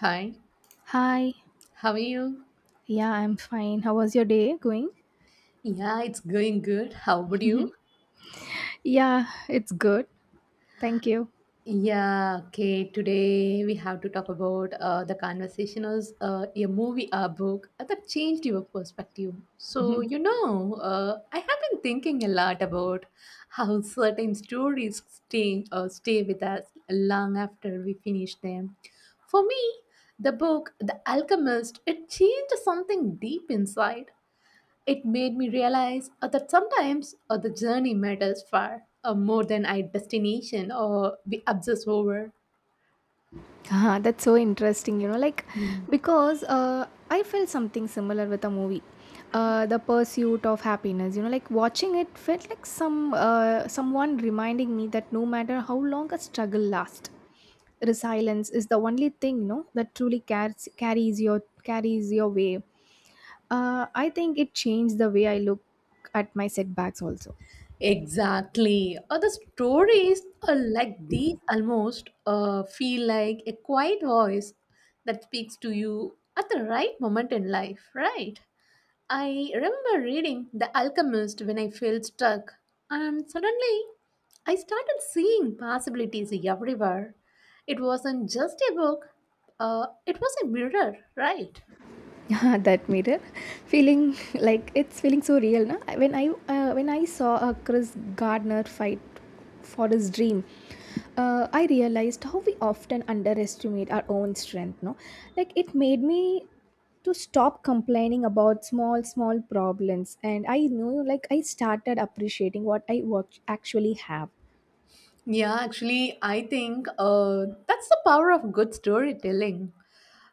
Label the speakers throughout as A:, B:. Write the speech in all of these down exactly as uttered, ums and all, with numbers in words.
A: Hi,
B: Hi.
A: how are you?
B: Yeah, I'm fine. How was your day going?
A: Yeah, it's going good. How about you?
B: Yeah, it's good. Thank you.
A: Yeah, okay. Today we have to talk about uh, the conversation is uh, a movie or book uh, that changed your perspective. So, you know, uh, I have been thinking a lot about how certain stories stay, uh, stay with us long after we finish them. For me, the book, The Alchemist, it changed something deep inside. It made me realize uh, that sometimes uh, the journey matters far uh, more than our destination or we obsess over.
B: Ah, that's so interesting, you know, like
A: Mm.
B: because uh, I felt something similar with a movie. Uh, the pursuit of happiness, you know, like watching it felt like some uh, someone reminding me that no matter how long a struggle lasts, resilience is the only thing, you know, that truly carries carries your carries your way. Uh, i think it changed the way I look at my setbacks also.
A: Exactly. Uh, the stories uh, like these almost uh, feel like a quiet voice that speaks to you at the right moment in life, right? I remember reading The Alchemist when I felt stuck, and suddenly I started seeing possibilities everywhere. It wasn't just a book, uh, it was a mirror, right?
B: That mirror feeling, like it's feeling so real, na? When I uh, when I saw a chris gardner fight for his dream. Uh, i realized how we often underestimate our own strength, no, like it made me to stop complaining about small small problems, and I knew, like I started appreciating what I work actually have.
A: Yeah, actually, I think uh, that's the power of good storytelling.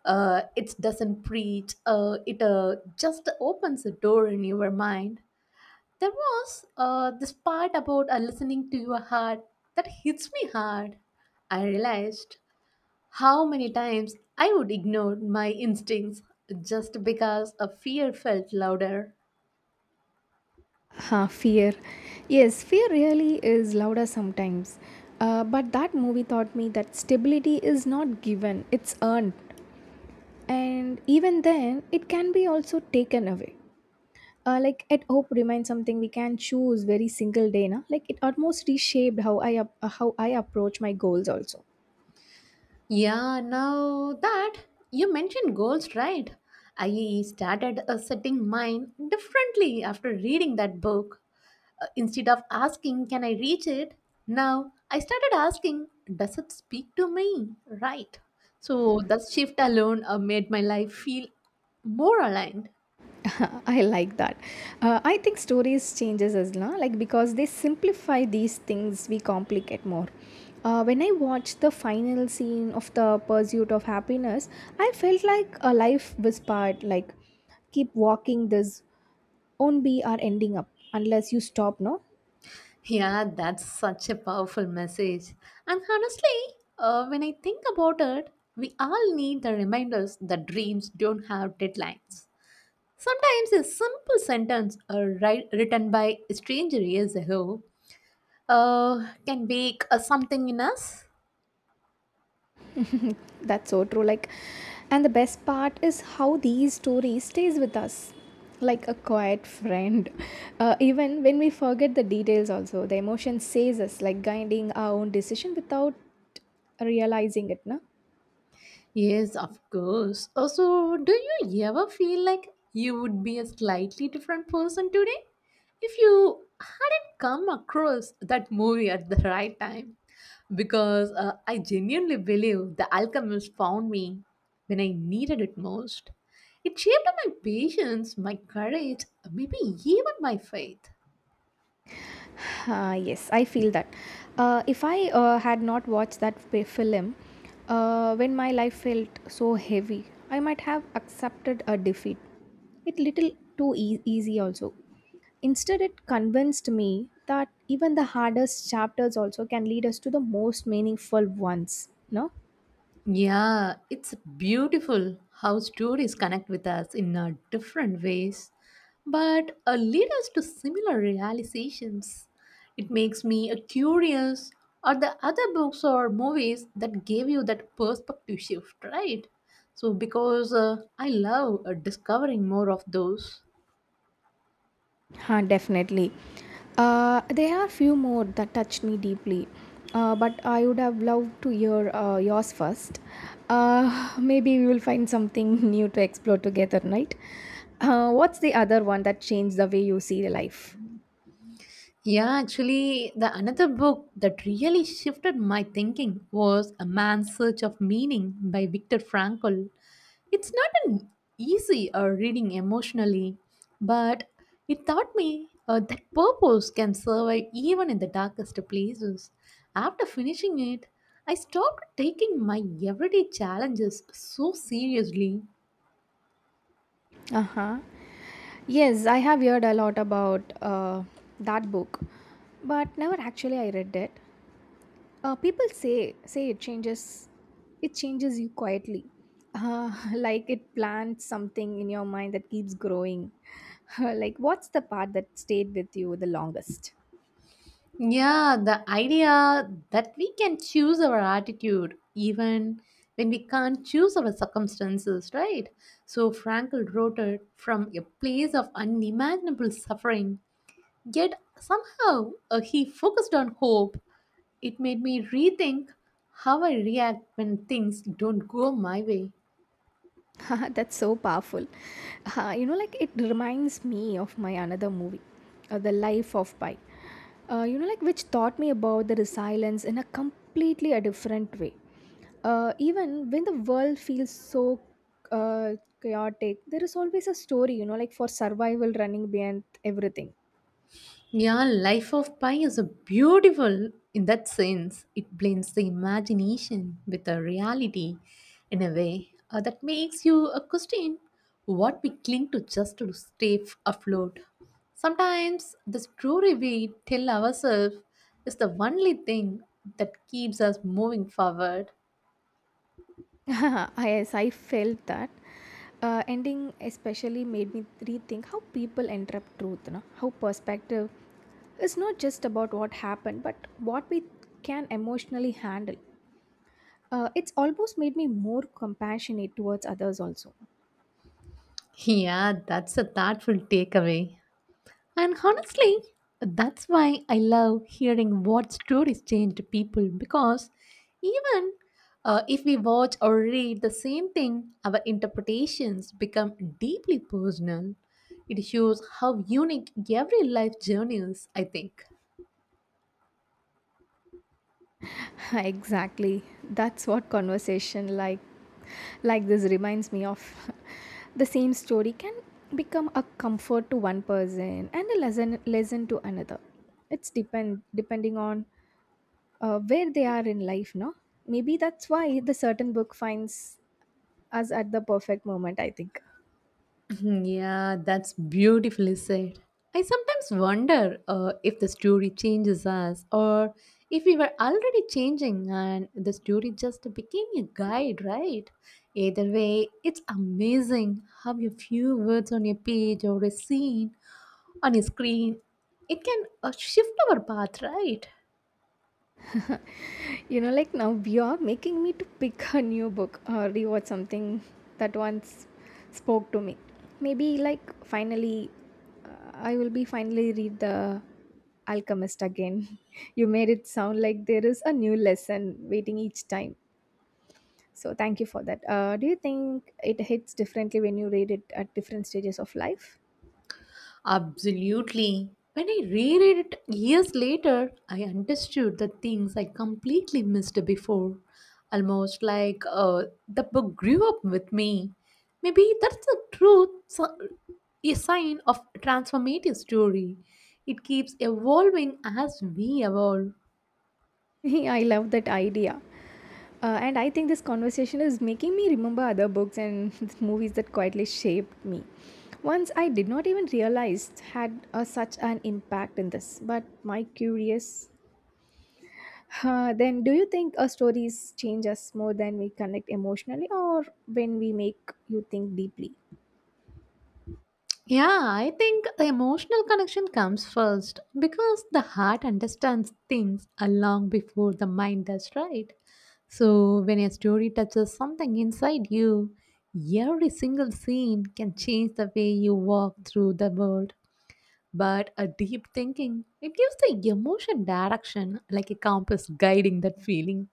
A: Uh, it doesn't preach, uh, it uh, just opens a door in your mind. There was uh, this part about uh, listening to your heart that hits me hard. I realized how many times I would ignore my instincts just because a fear felt louder.
B: Huh, fear. Yes, fear really is louder sometimes. Uh, but that movie taught me that stability is not given, it's earned. And even then, it can be also taken away. Uh, like at Hope reminds something we can choose very single day. Na? Like it almost reshaped how I, ap- how I approach my goals also.
A: Yeah, now that you mentioned goals, right? I started uh, setting mine differently after reading that book. Uh, instead of asking, can I reach it? Now I started asking, does it speak to me? Right. So that shift alone uh, made my life feel more aligned.
B: I like that. Uh, I think stories changes as well, like because they simplify these things we complicate more. Uh, when I watched the final scene of the pursuit of happiness, I felt like a life was part, like keep walking, this won't be our ending up unless you stop, no.
A: Yeah, that's such a powerful message. And honestly, uh, when I think about it, we all need the reminders that dreams don't have deadlines. Sometimes a simple sentence uh, write, written by a stranger years ago uh, can wake uh, something in us.
B: That's so true, like, and the best part is how these stories stays with us like a quiet friend. Uh, even when we forget the details, also the emotion says us, like guiding our own decision without realizing it, no.
A: Yes, of course. Also, do you ever feel like you would be a slightly different person today if you hadn't come across that movie at the right time? Because uh, I genuinely believe The Alchemist found me when I needed it most. It shaped my patience, my courage, maybe even my faith.
B: Uh, yes, I feel that. Uh, if I uh, had not watched that fi- film, uh, when my life felt so heavy, I might have accepted a defeat. It little too ea- easy also. Instead, it convinced me that even the hardest chapters also can lead us to the most meaningful ones. No.
A: Yeah, it's beautiful how stories connect with us in uh, different ways, but uh, lead us to similar realizations. It makes me uh, curious are the other books or movies that gave you that perspective shift, right? So, because uh, I love uh, discovering more of those.
B: Huh, definitely. Uh, there are few more that touch me deeply, uh, but I would have loved to hear uh, yours first. Uh, maybe we will find something new to explore together, right? Uh, what's the other one that changed the way you see life?
A: Yeah, actually, the another book that really shifted my thinking was A Man's Search of Meaning by Viktor Frankl. It's not an easy uh, reading emotionally, but it taught me uh, that purpose can survive even in the darkest places. After finishing it, I stopped taking my everyday challenges so seriously.
B: Uh huh. Yes, I have heard a lot about uh, that book, but never actually I read it. Uh, people say say it changes it changes you quietly. Uh, like it plants something in your mind that keeps growing. Like what's the part that stayed with you the longest?
A: Yeah, the idea that we can choose our attitude even when we can't choose our circumstances, right? So Frankl wrote it from a place of unimaginable suffering, yet somehow uh, he focused on hope. It made me rethink how I react when things don't go my way.
B: That's so powerful. Uh, you know, like it reminds me of my another movie, uh, the Life of Pi. Uh, you know, like which taught me about the resilience in a completely a different way. Uh, even when the world feels so uh, chaotic, there is always a story. You know, like for survival running behind everything.
A: Yeah, Life of Pi is a beautiful in that sense. It blends the imagination with the reality in a way uh, that makes you a question what we cling to just to stay f- afloat. Sometimes the story we tell ourselves is the only thing that keeps us moving forward.
B: Yes, I felt that. Uh, ending especially made me rethink how people interpret truth, no? How perspective is not just about what happened, but what we can emotionally handle. Uh, it's almost made me more compassionate towards others also.
A: Yeah, that's a thoughtful takeaway. And honestly, that's why I love hearing what stories change to people because even uh, if we watch or read the same thing, our interpretations become deeply personal. It shows how unique every life journey is, I think.
B: Exactly. That's what conversation like like this reminds me of. The same story can become a comfort to one person and a lesson lesson to another. It's depend depending on uh, where they are in life, no? Maybe that's why the certain book finds us at the perfect moment, I think.
A: Hmm, yeah, that's beautifully said. I sometimes wonder uh, if the story changes us or if we were already changing and the story just became a guide, right? Either way, it's amazing how a few words on a page or a scene on a screen it can uh, shift our path, right?
B: You know, like now you're making me to pick a new book or rewatch something that once spoke to me. Maybe like finally, uh, I will be finally read the Alchemist again. You made it sound like there is a new lesson waiting each time. So thank you for that. Uh, do you think it hits differently when you read it at different stages of life?
A: Absolutely. When I reread it years later, I understood the things I completely missed before. Almost like uh, the book grew up with me. Maybe that's the truth, so- a sign of transformative story. It keeps evolving as we evolve.
B: I love that idea. Uh, and I think this conversation is making me remember other books and movies that quietly shaped me. Once I did not even realize had uh, such an impact in this, but my curious. Uh, then, do you think uh, stories change us more than we connect emotionally, or when we make you think deeply?
A: Yeah, I think the emotional connection comes first because the heart understands things a long before the mind does, right? So, when a story touches something inside you, every single scene can change the way you walk through the world. But a deep thinking, it gives the emotion direction like a compass guiding that feeling.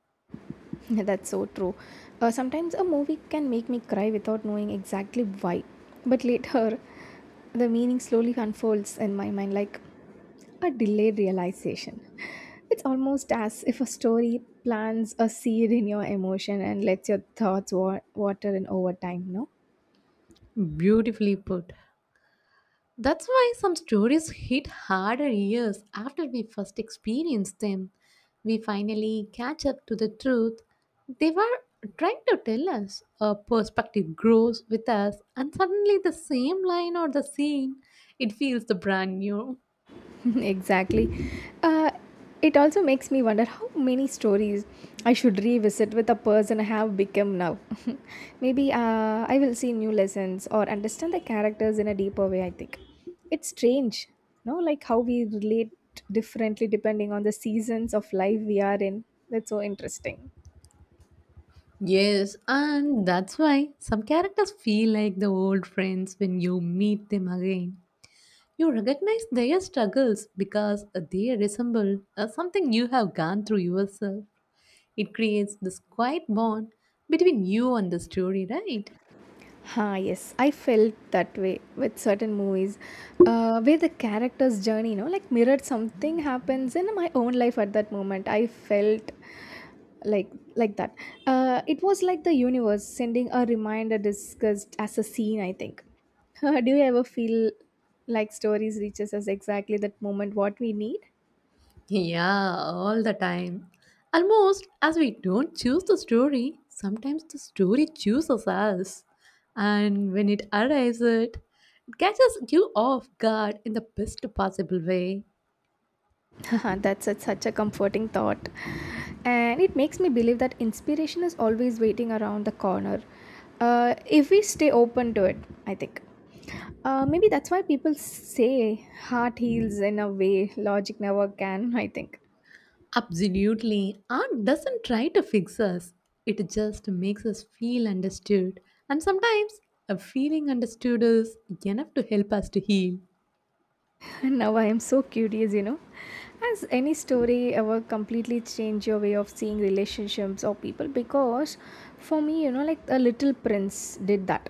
B: That's so true. Uh, sometimes a movie can make me cry without knowing exactly why, but later the meaning slowly unfolds in my mind like a delayed realization. It's almost as if a story plants a seed in your emotion and lets your thoughts wa- water in over time, no?
A: Beautifully put. That's why some stories hit harder years after we first experience them. We finally catch up to the truth they were trying to tell us. A perspective grows with us, and suddenly the same line or the scene, it feels the brand new.
B: Exactly. Uh, it also makes me wonder how many stories I should revisit with the person I have become now. Maybe uh, I will see new lessons or understand the characters in a deeper way, I think. It's strange, no? Like how we relate differently depending on the seasons of life we are in. That's so interesting.
A: Yes, and that's why some characters feel like the old friends when you meet them again. You recognize their struggles because they resemble uh, something you have gone through yourself. It creates this quiet bond between you and the story, right?
B: Ah, yes, I felt that way with certain movies uh, where the character's journey, you know, like mirrored something happens in my own life at that moment. I felt like like that, uh, it was like the universe sending a reminder discussed as a scene, I think. Do you ever feel like stories reaches us exactly that moment what we need?
A: Yeah, all the time. Almost as we don't choose the story, sometimes the story chooses us. And when it arrives, it catches you off guard in the best possible way.
B: Haha, that's a, such a comforting thought, and it makes me believe that inspiration is always waiting around the corner uh, if we stay open to it, I think. Uh, maybe that's why people say heart heals in a way logic never can. I think.
A: Absolutely. Art doesn't try to fix us, it just makes us feel understood. And sometimes a feeling understood is enough to help us to heal.
B: Now I am so curious, you know. Has any story ever completely changed your way of seeing relationships or people? Because for me, you know, like a little prince did that.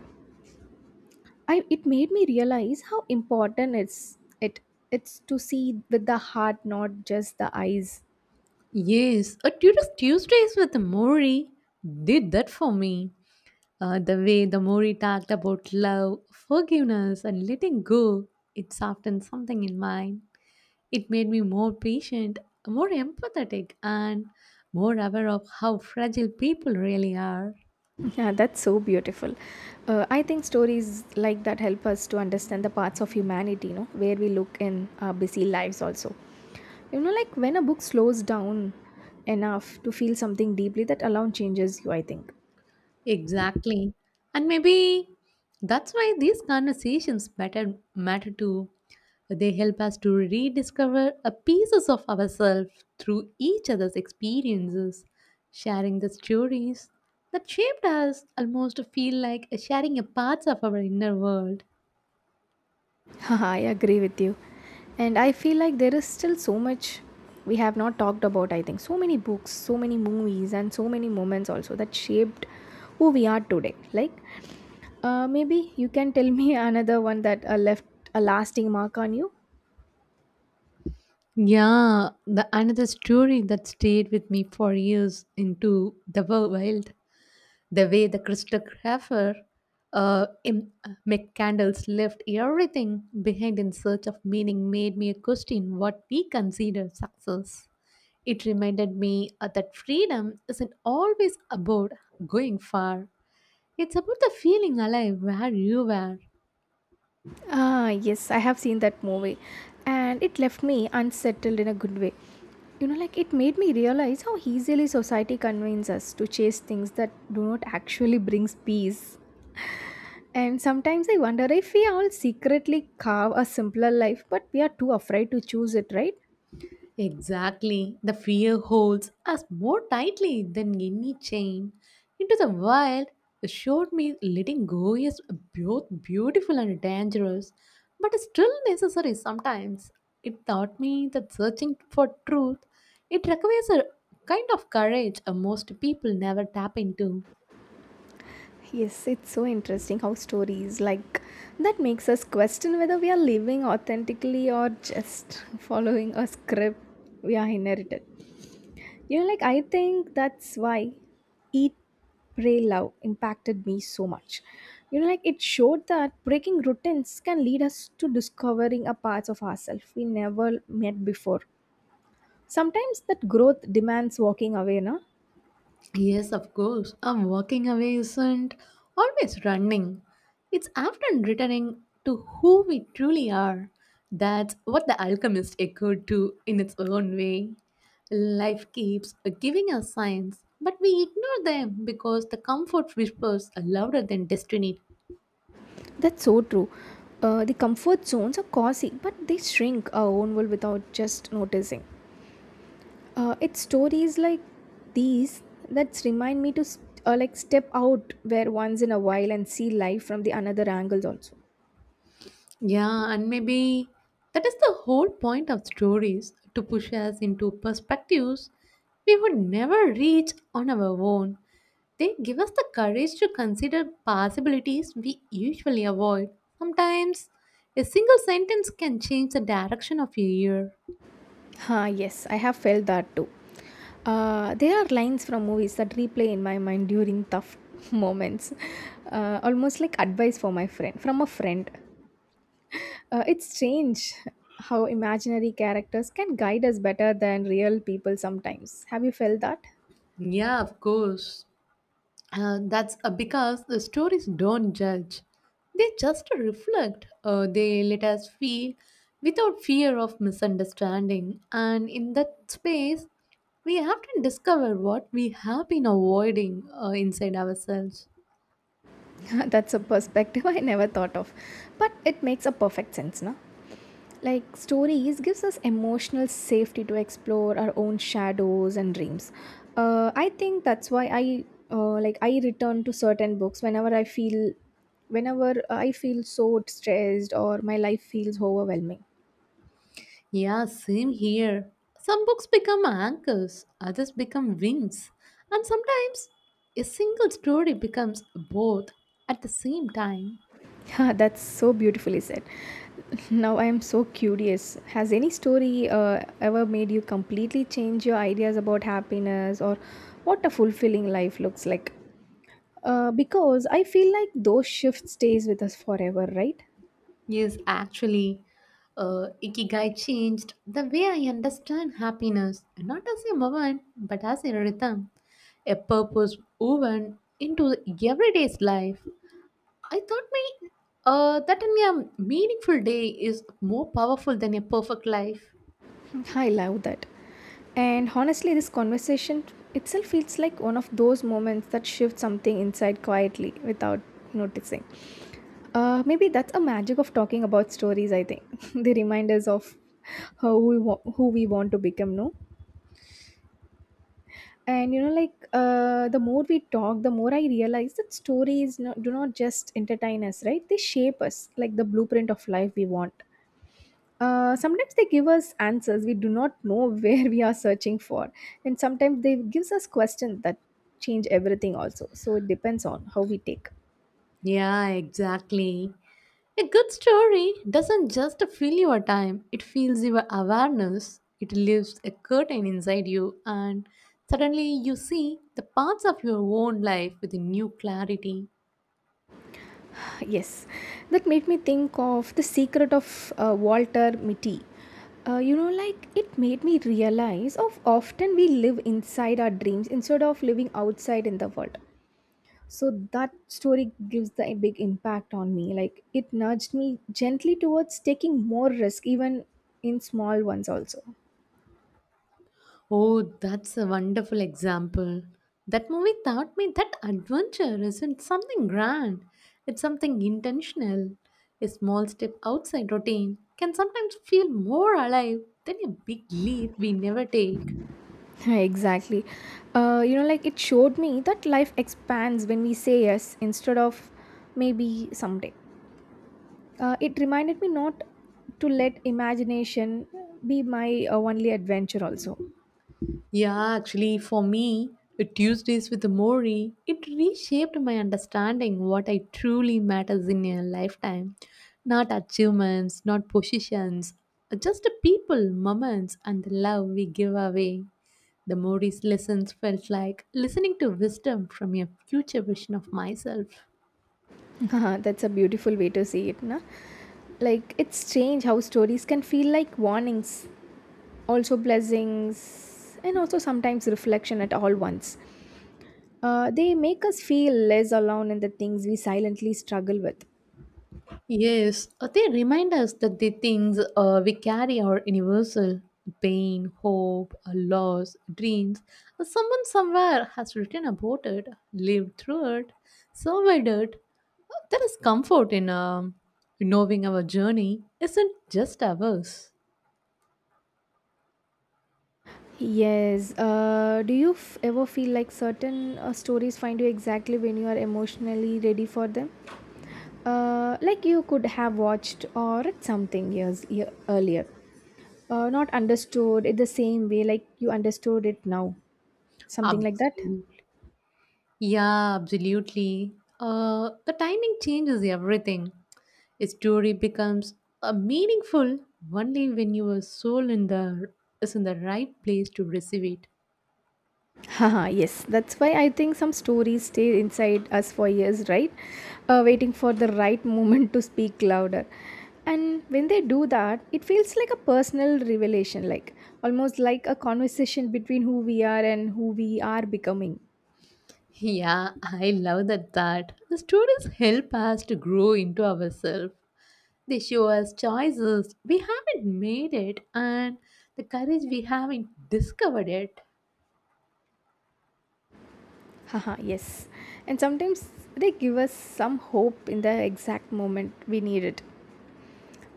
B: I, it made me realize how important it's it it's to see with the heart, not just the eyes.
A: Yes, a tourist Tuesdays with Mori did that for me. Uh, the way the Mori talked about love, forgiveness, and letting go, it softened something in mine. It made me more patient, more empathetic, and more aware of how fragile people really are.
B: Yeah, that's so beautiful. Uh, I think stories like that help us to understand the parts of humanity, you know, where we look in our busy lives also. You know, like when a book slows down enough to feel something deeply, that alone changes you, I think.
A: Exactly. And maybe that's why these conversations matter, matter too. They help us to rediscover a pieces of ourselves through each other's experiences. Sharing the stories that shaped us almost feel like sharing a parts of our inner world.
B: I agree with you. And I feel like there is still so much we have not talked about, I think. So many books, so many movies, and so many moments also that shaped who we are today. Like, uh, maybe you can tell me another one that uh, left a lasting mark on you.
A: Yeah, the another story that stayed with me for years into the wild the way the crystographer uh, im- McCandles left everything behind in search of meaning made me question what we consider success. It reminded me uh, that freedom isn't always about going far. It's about the feeling alive where you were.
B: Ah, yes, I have seen that movie, and it left me unsettled in a good way. You know, like it made me realize how easily society convinces us to chase things that do not actually brings peace. And sometimes I wonder if we all secretly carve a simpler life, but we are too afraid to choose it, right?
A: Exactly. The fear holds us more tightly than any chain. Into the wild, it showed me letting go is both beautiful and dangerous, but still necessary sometimes. It taught me that searching for truth, it requires a kind of courage uh, most people never tap into.
B: Yes, it's so interesting how stories like that makes us question whether we are living authentically or just following a script we are inherited. You know, like I think that's why Eat, Pray, Love impacted me so much. You know, like it showed that breaking routines can lead us to discovering a parts of ourselves we never met before. Sometimes that growth demands walking away, na?
A: Yes, of course. A walking away isn't always running. It's often returning to who we truly are. That's what the alchemist echoed to in its own way. Life keeps giving us signs, but we ignore them because the comfort whispers are louder than destiny.
B: That's so true. Uh, the comfort zones are cozy, but they shrink our own world without just noticing. Uh, it's stories like these that remind me to st- uh, like step out where once in a while and see life from the another angles also.
A: Yeah, and maybe that is the whole point of stories to push us into perspectives we would never reach on our own. They give us the courage to consider possibilities we usually avoid. Sometimes a single sentence can change the direction of a year.
B: Ah, yes, I have felt that too. Uh, there are lines from movies that replay in my mind during tough moments, uh, almost like advice for my friend from a friend. Uh, it's strange how imaginary characters can guide us better than real people sometimes. Have you felt that?
A: Yeah, of course. Uh, that's uh, because the stories don't judge. They just reflect. Uh, they let us feel without fear of misunderstanding. And in that space, we have to discover what we have been avoiding uh, inside ourselves.
B: That's a perspective I never thought of, but it makes a perfect sense, na? Like stories gives us emotional safety to explore our own shadows and dreams. Uh, I think that's why I uh, like I return to certain books whenever I feel whenever I feel so stressed or my life feels overwhelming.
A: Yeah, same here. Some books become anchors, others become wings, and sometimes a single story becomes both at the same time.
B: Ha, that's so beautifully said. Now I am so curious. Has any story uh, ever made you completely change your ideas about happiness or what a fulfilling life looks like? Uh, because I feel like those shifts stays with us forever, right?
A: Yes, actually, uh, Ikigai changed the way I understand happiness, not as a moment, but as a rhythm, a purpose woven into everyday's life. I thought my, uh, that a mere meaningful day is more powerful than a perfect life.
B: I love that. And honestly, this conversation itself feels like one of those moments that shift something inside quietly without noticing. Uh, maybe that's a magic of talking about stories. I think they remind us of how we wa- who we want to become. No, and you know, like uh, the more we talk, the more I realize that stories, no, do not just entertain us, right? They shape us, like the blueprint of life we want. Uh, sometimes they give us answers we do not know where we are searching for, and sometimes they gives us questions that change everything also, so it depends on how we take.
A: Yeah, exactly. A good story doesn't just fill your time, it fills your awareness. It leaves a curtain inside you, and suddenly you see the parts of your own life with a new clarity.
B: Yes, that made me think of the secret of uh, Walter Mitty. Uh, you know like it made me realize of often we live inside our dreams instead of living outside in the world. So that story gives the big impact on me, like it nudged me gently towards taking more risk, even in small ones also.
A: Oh, that's a wonderful example. That movie taught me that adventure isn't something grand, it's something intentional. A small step outside routine can sometimes feel more alive than a big leap we never take.
B: Exactly. Uh, you know like it showed me that life expands when we say yes instead of maybe someday. Uh, it reminded me not to let imagination be my uh, only adventure also.
A: Yeah, actually, for me, Tuesdays with Mori, it reshaped my understanding what I truly matters in a lifetime. Not achievements, not positions, uh, just the people, moments, and the love we give away. The Mori's lessons felt like listening to wisdom from a future version of myself.
B: That's a beautiful way to see it, na? Like it's strange how stories can feel like warnings, also blessings and also sometimes reflection at all once. Uh, they make us feel less alone in the things we silently struggle with.
A: Yes, uh, they remind us that the things uh, we carry are universal pain, hope, uh, loss, dreams. Uh, Someone somewhere has written about it, lived through it, survived it. Uh, There is comfort in um knowing our journey isn't just ours.
B: Yes. Uh, do you f- ever feel like certain uh, stories find you exactly when you are emotionally ready for them? Uh, like you could have watched or read something years year, earlier, uh, not understood it the same way like you understood it now. Something like that.
A: Absolutely. Yeah, absolutely. Uh, the timing changes everything. A story becomes uh, meaningful only when your soul in the is in the right place to receive it.
B: Haha, yes, that's why I think some stories stay inside us for years, right? Uh, waiting for the right moment to speak louder. And when they do that, it feels like a personal revelation, like almost like a conversation between who we are and who we are becoming.
A: Yeah, I love that That The stories help us to grow into ourselves. They show us choices we haven't made it and the courage we haven't discovered it.
B: Haha, yes. And sometimes they give us some hope in the exact moment we need it.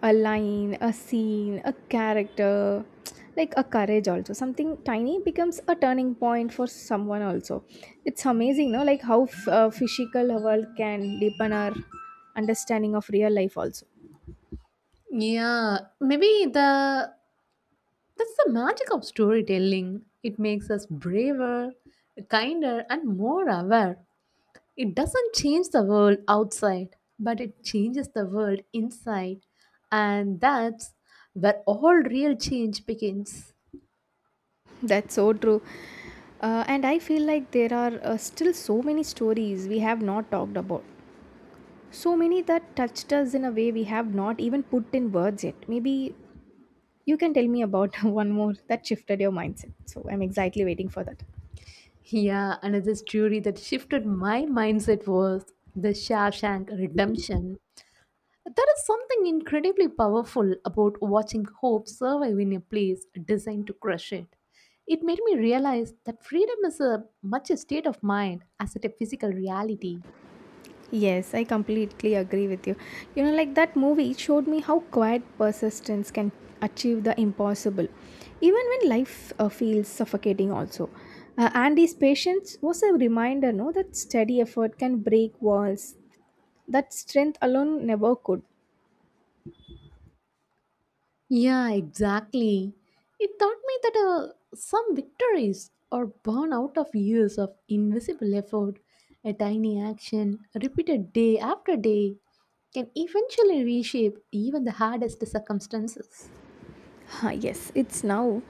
B: A line, a scene, a character, like a courage also. Something tiny becomes a turning point for someone also. It's amazing, no? Like how f- uh, physical world can deepen our understanding of real life also.
A: Yeah, maybe the That's the magic of storytelling. It makes us braver, kinder, and more aware. It doesn't change the world outside, but it changes the world inside. And that's where all real change begins.
B: That's so true. Uh, and I feel like there are uh, still so many stories we have not talked about. So many that touched us in a way we have not even put in words yet. Maybe you can tell me about one more that shifted your mindset. So I'm exactly waiting for that.
A: Yeah, another story that shifted my mindset was The Shawshank Redemption. There is something incredibly powerful about watching hope survive in a place designed to crush it. It made me realize that freedom is a much a state of mind as it a physical reality.
B: Yes, I completely agree with you. You know, like that movie showed me how quiet persistence can achieve the impossible, even when life uh, feels suffocating, also. Uh, Andy's patience was a reminder, no, that steady effort can break walls that strength alone never could.
A: Yeah, exactly. It taught me that uh, some victories are born out of years of invisible effort, a tiny action repeated day after day can eventually reshape even the hardest circumstances.
B: Ah, yes, it's now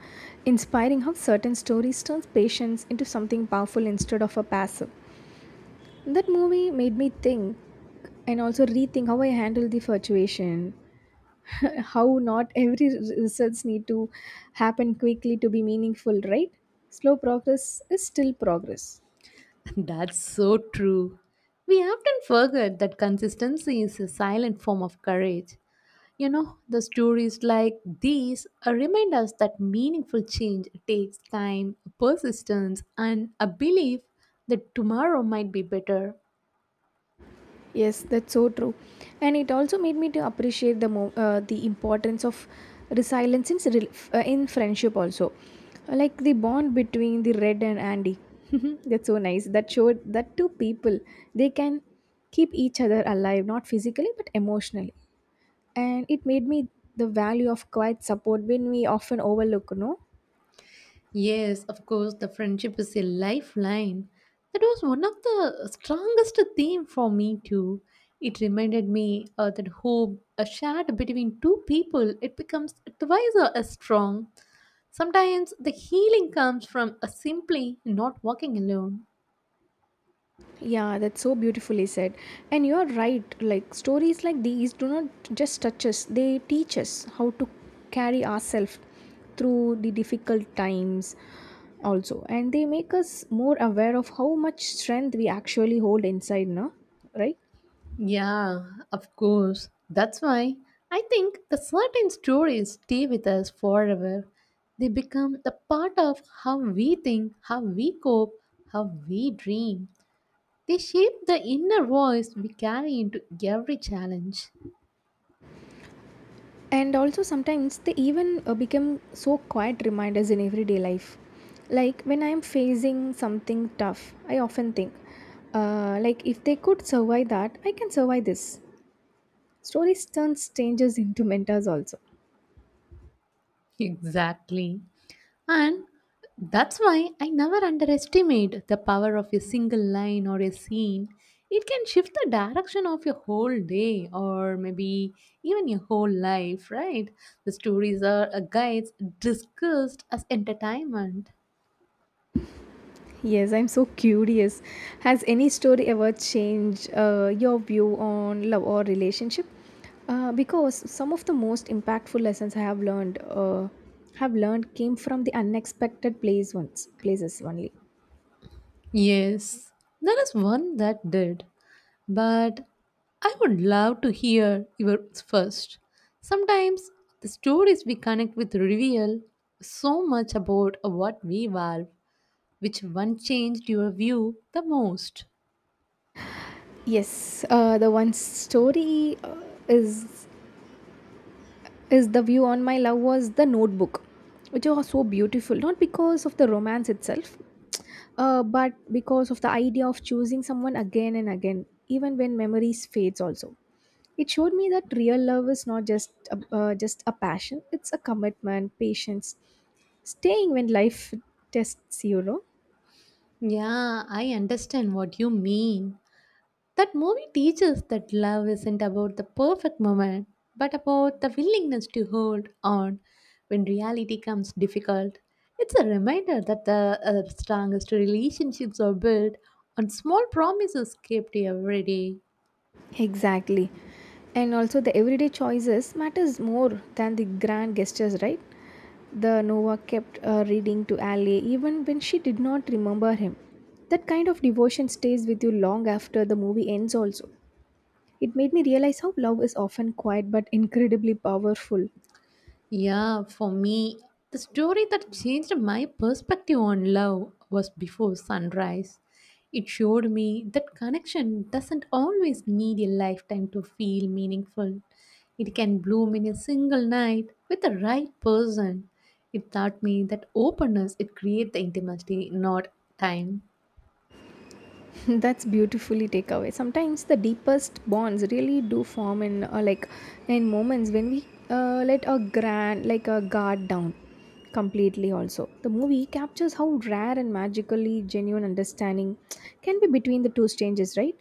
B: inspiring how certain stories turn patience into something powerful instead of a passive. That movie made me think and also rethink how I handle the fluctuation. How not every re- results need to happen quickly to be meaningful, right? Slow progress is still progress.
A: That's so true. We often forget that consistency is a silent form of courage. You know, the stories like these uh, remind us that meaningful change takes time, persistence, and a belief that tomorrow might be better.
B: Yes, that's so true. And it also made me to appreciate the mo- uh, the importance of resilience in, rel- f- uh, in friendship also, like the bond between the Red and Andy. That's so nice, that showed that two people they can keep each other alive, not physically but emotionally. And it made me the value of quiet support when we often overlook, no.
A: Yes, of course, the friendship is a lifeline. That was one of the strongest theme for me too. It reminded me uh, that hope uh, shared between two people it becomes twice uh, as strong. Sometimes the healing comes from a simply not walking alone.
B: Yeah, that's so beautifully said. And you're right, like stories like these do not just touch us, they teach us how to carry ourselves through the difficult times also. And they make us more aware of how much strength we actually hold inside, no? Right?
A: Yeah, of course. That's why I think the certain stories stay with us forever. They become the part of how we think, how we cope, how we dream. They shape the inner voice we carry into every challenge.
B: And also sometimes they even uh, become so quiet reminders in everyday life. Like when I am facing something tough, I often think, uh, like if they could survive that, I can survive this. Stories turn strangers into mentors also.
A: Exactly. And that's why I never underestimate the power of a single line or a scene. It can shift the direction of your whole day or maybe even your whole life, right? The stories are uh, guides discussed as entertainment.
B: Yes, I'm so curious. Has any story ever changed uh, your view on love or relationship? Uh, because some of the most impactful lessons I have learned uh, have learned came from the unexpected place once places only.
A: Yes, there is one that did, but I would love to hear yours first. Sometimes the stories we connect with reveal so much about what we value. Which one changed your view the most?
B: Yes, uh, the one story uh, is is the view on my love was The Notebook, which was so beautiful, not because of the romance itself, uh, but because of the idea of choosing someone again and again even when memories fades also. It showed me that real love is not just a, uh, just a passion, it's a commitment, patience, staying when life tests, you know.
A: Yeah, I understand what you mean. That movie teaches that love isn't about the perfect moment, but about the willingness to hold on when reality comes difficult. It's a reminder that the uh, strongest relationships are built on small promises kept every day.
B: Exactly. And also the everyday choices matters more than the grand gestures, right? The Nova kept uh, reading to Ali even when she did not remember him. That kind of devotion stays with you long after the movie ends also. It made me realize how love is often quiet but incredibly powerful.
A: Yeah, for me, the story that changed my perspective on love was Before Sunrise. It showed me that connection doesn't always need a lifetime to feel meaningful. It can bloom in a single night with the right person. It taught me that openness it creates the intimacy, not time.
B: That's beautifully take away. Sometimes the deepest bonds really do form in uh, like in moments when we uh, let a grand like a guard down completely. Also, the movie captures how rare and magically genuine understanding can be between the two strangers, right?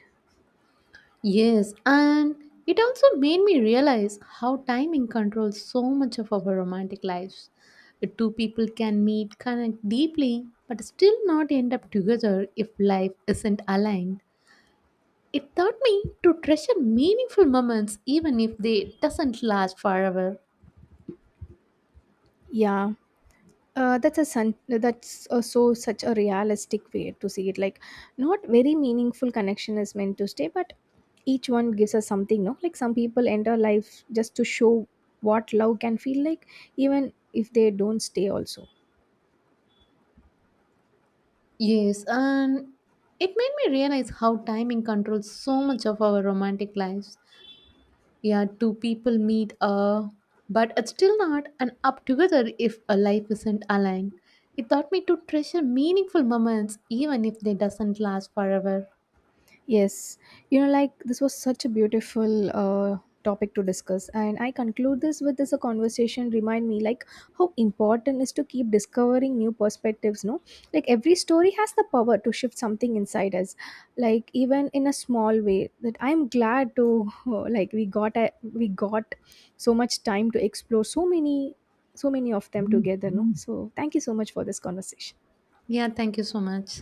A: Yes, and it also made me realize how timing controls so much of our romantic lives. The two people can meet, connect deeply, but still not end up together if life isn't aligned. It taught me to treasure meaningful moments even if they doesn't last forever.
B: Yeah. Uh, that's a sun, that's uh, so such a realistic way to see it, like not very meaningful connection is meant to stay, but each one gives us something, no, like some people enter life just to show what love can feel like, even if they don't stay also.
A: Yes, and it made me realize how timing controls so much of our romantic lives. Yeah, two people meet uh but it's still not an up together if a life isn't aligned. It taught me to treasure meaningful moments even if they doesn't last forever.
B: Yes, you know, like this was such a beautiful uh, topic to discuss, and I conclude this with this a conversation remind me like how important is to keep discovering new perspectives. No, like every story has the power to shift something inside us, like even in a small way. That I'm glad to, like we got a, we got so much time to explore so many so many of them together. No, so thank you so much for this conversation.
A: Yeah, thank you so much.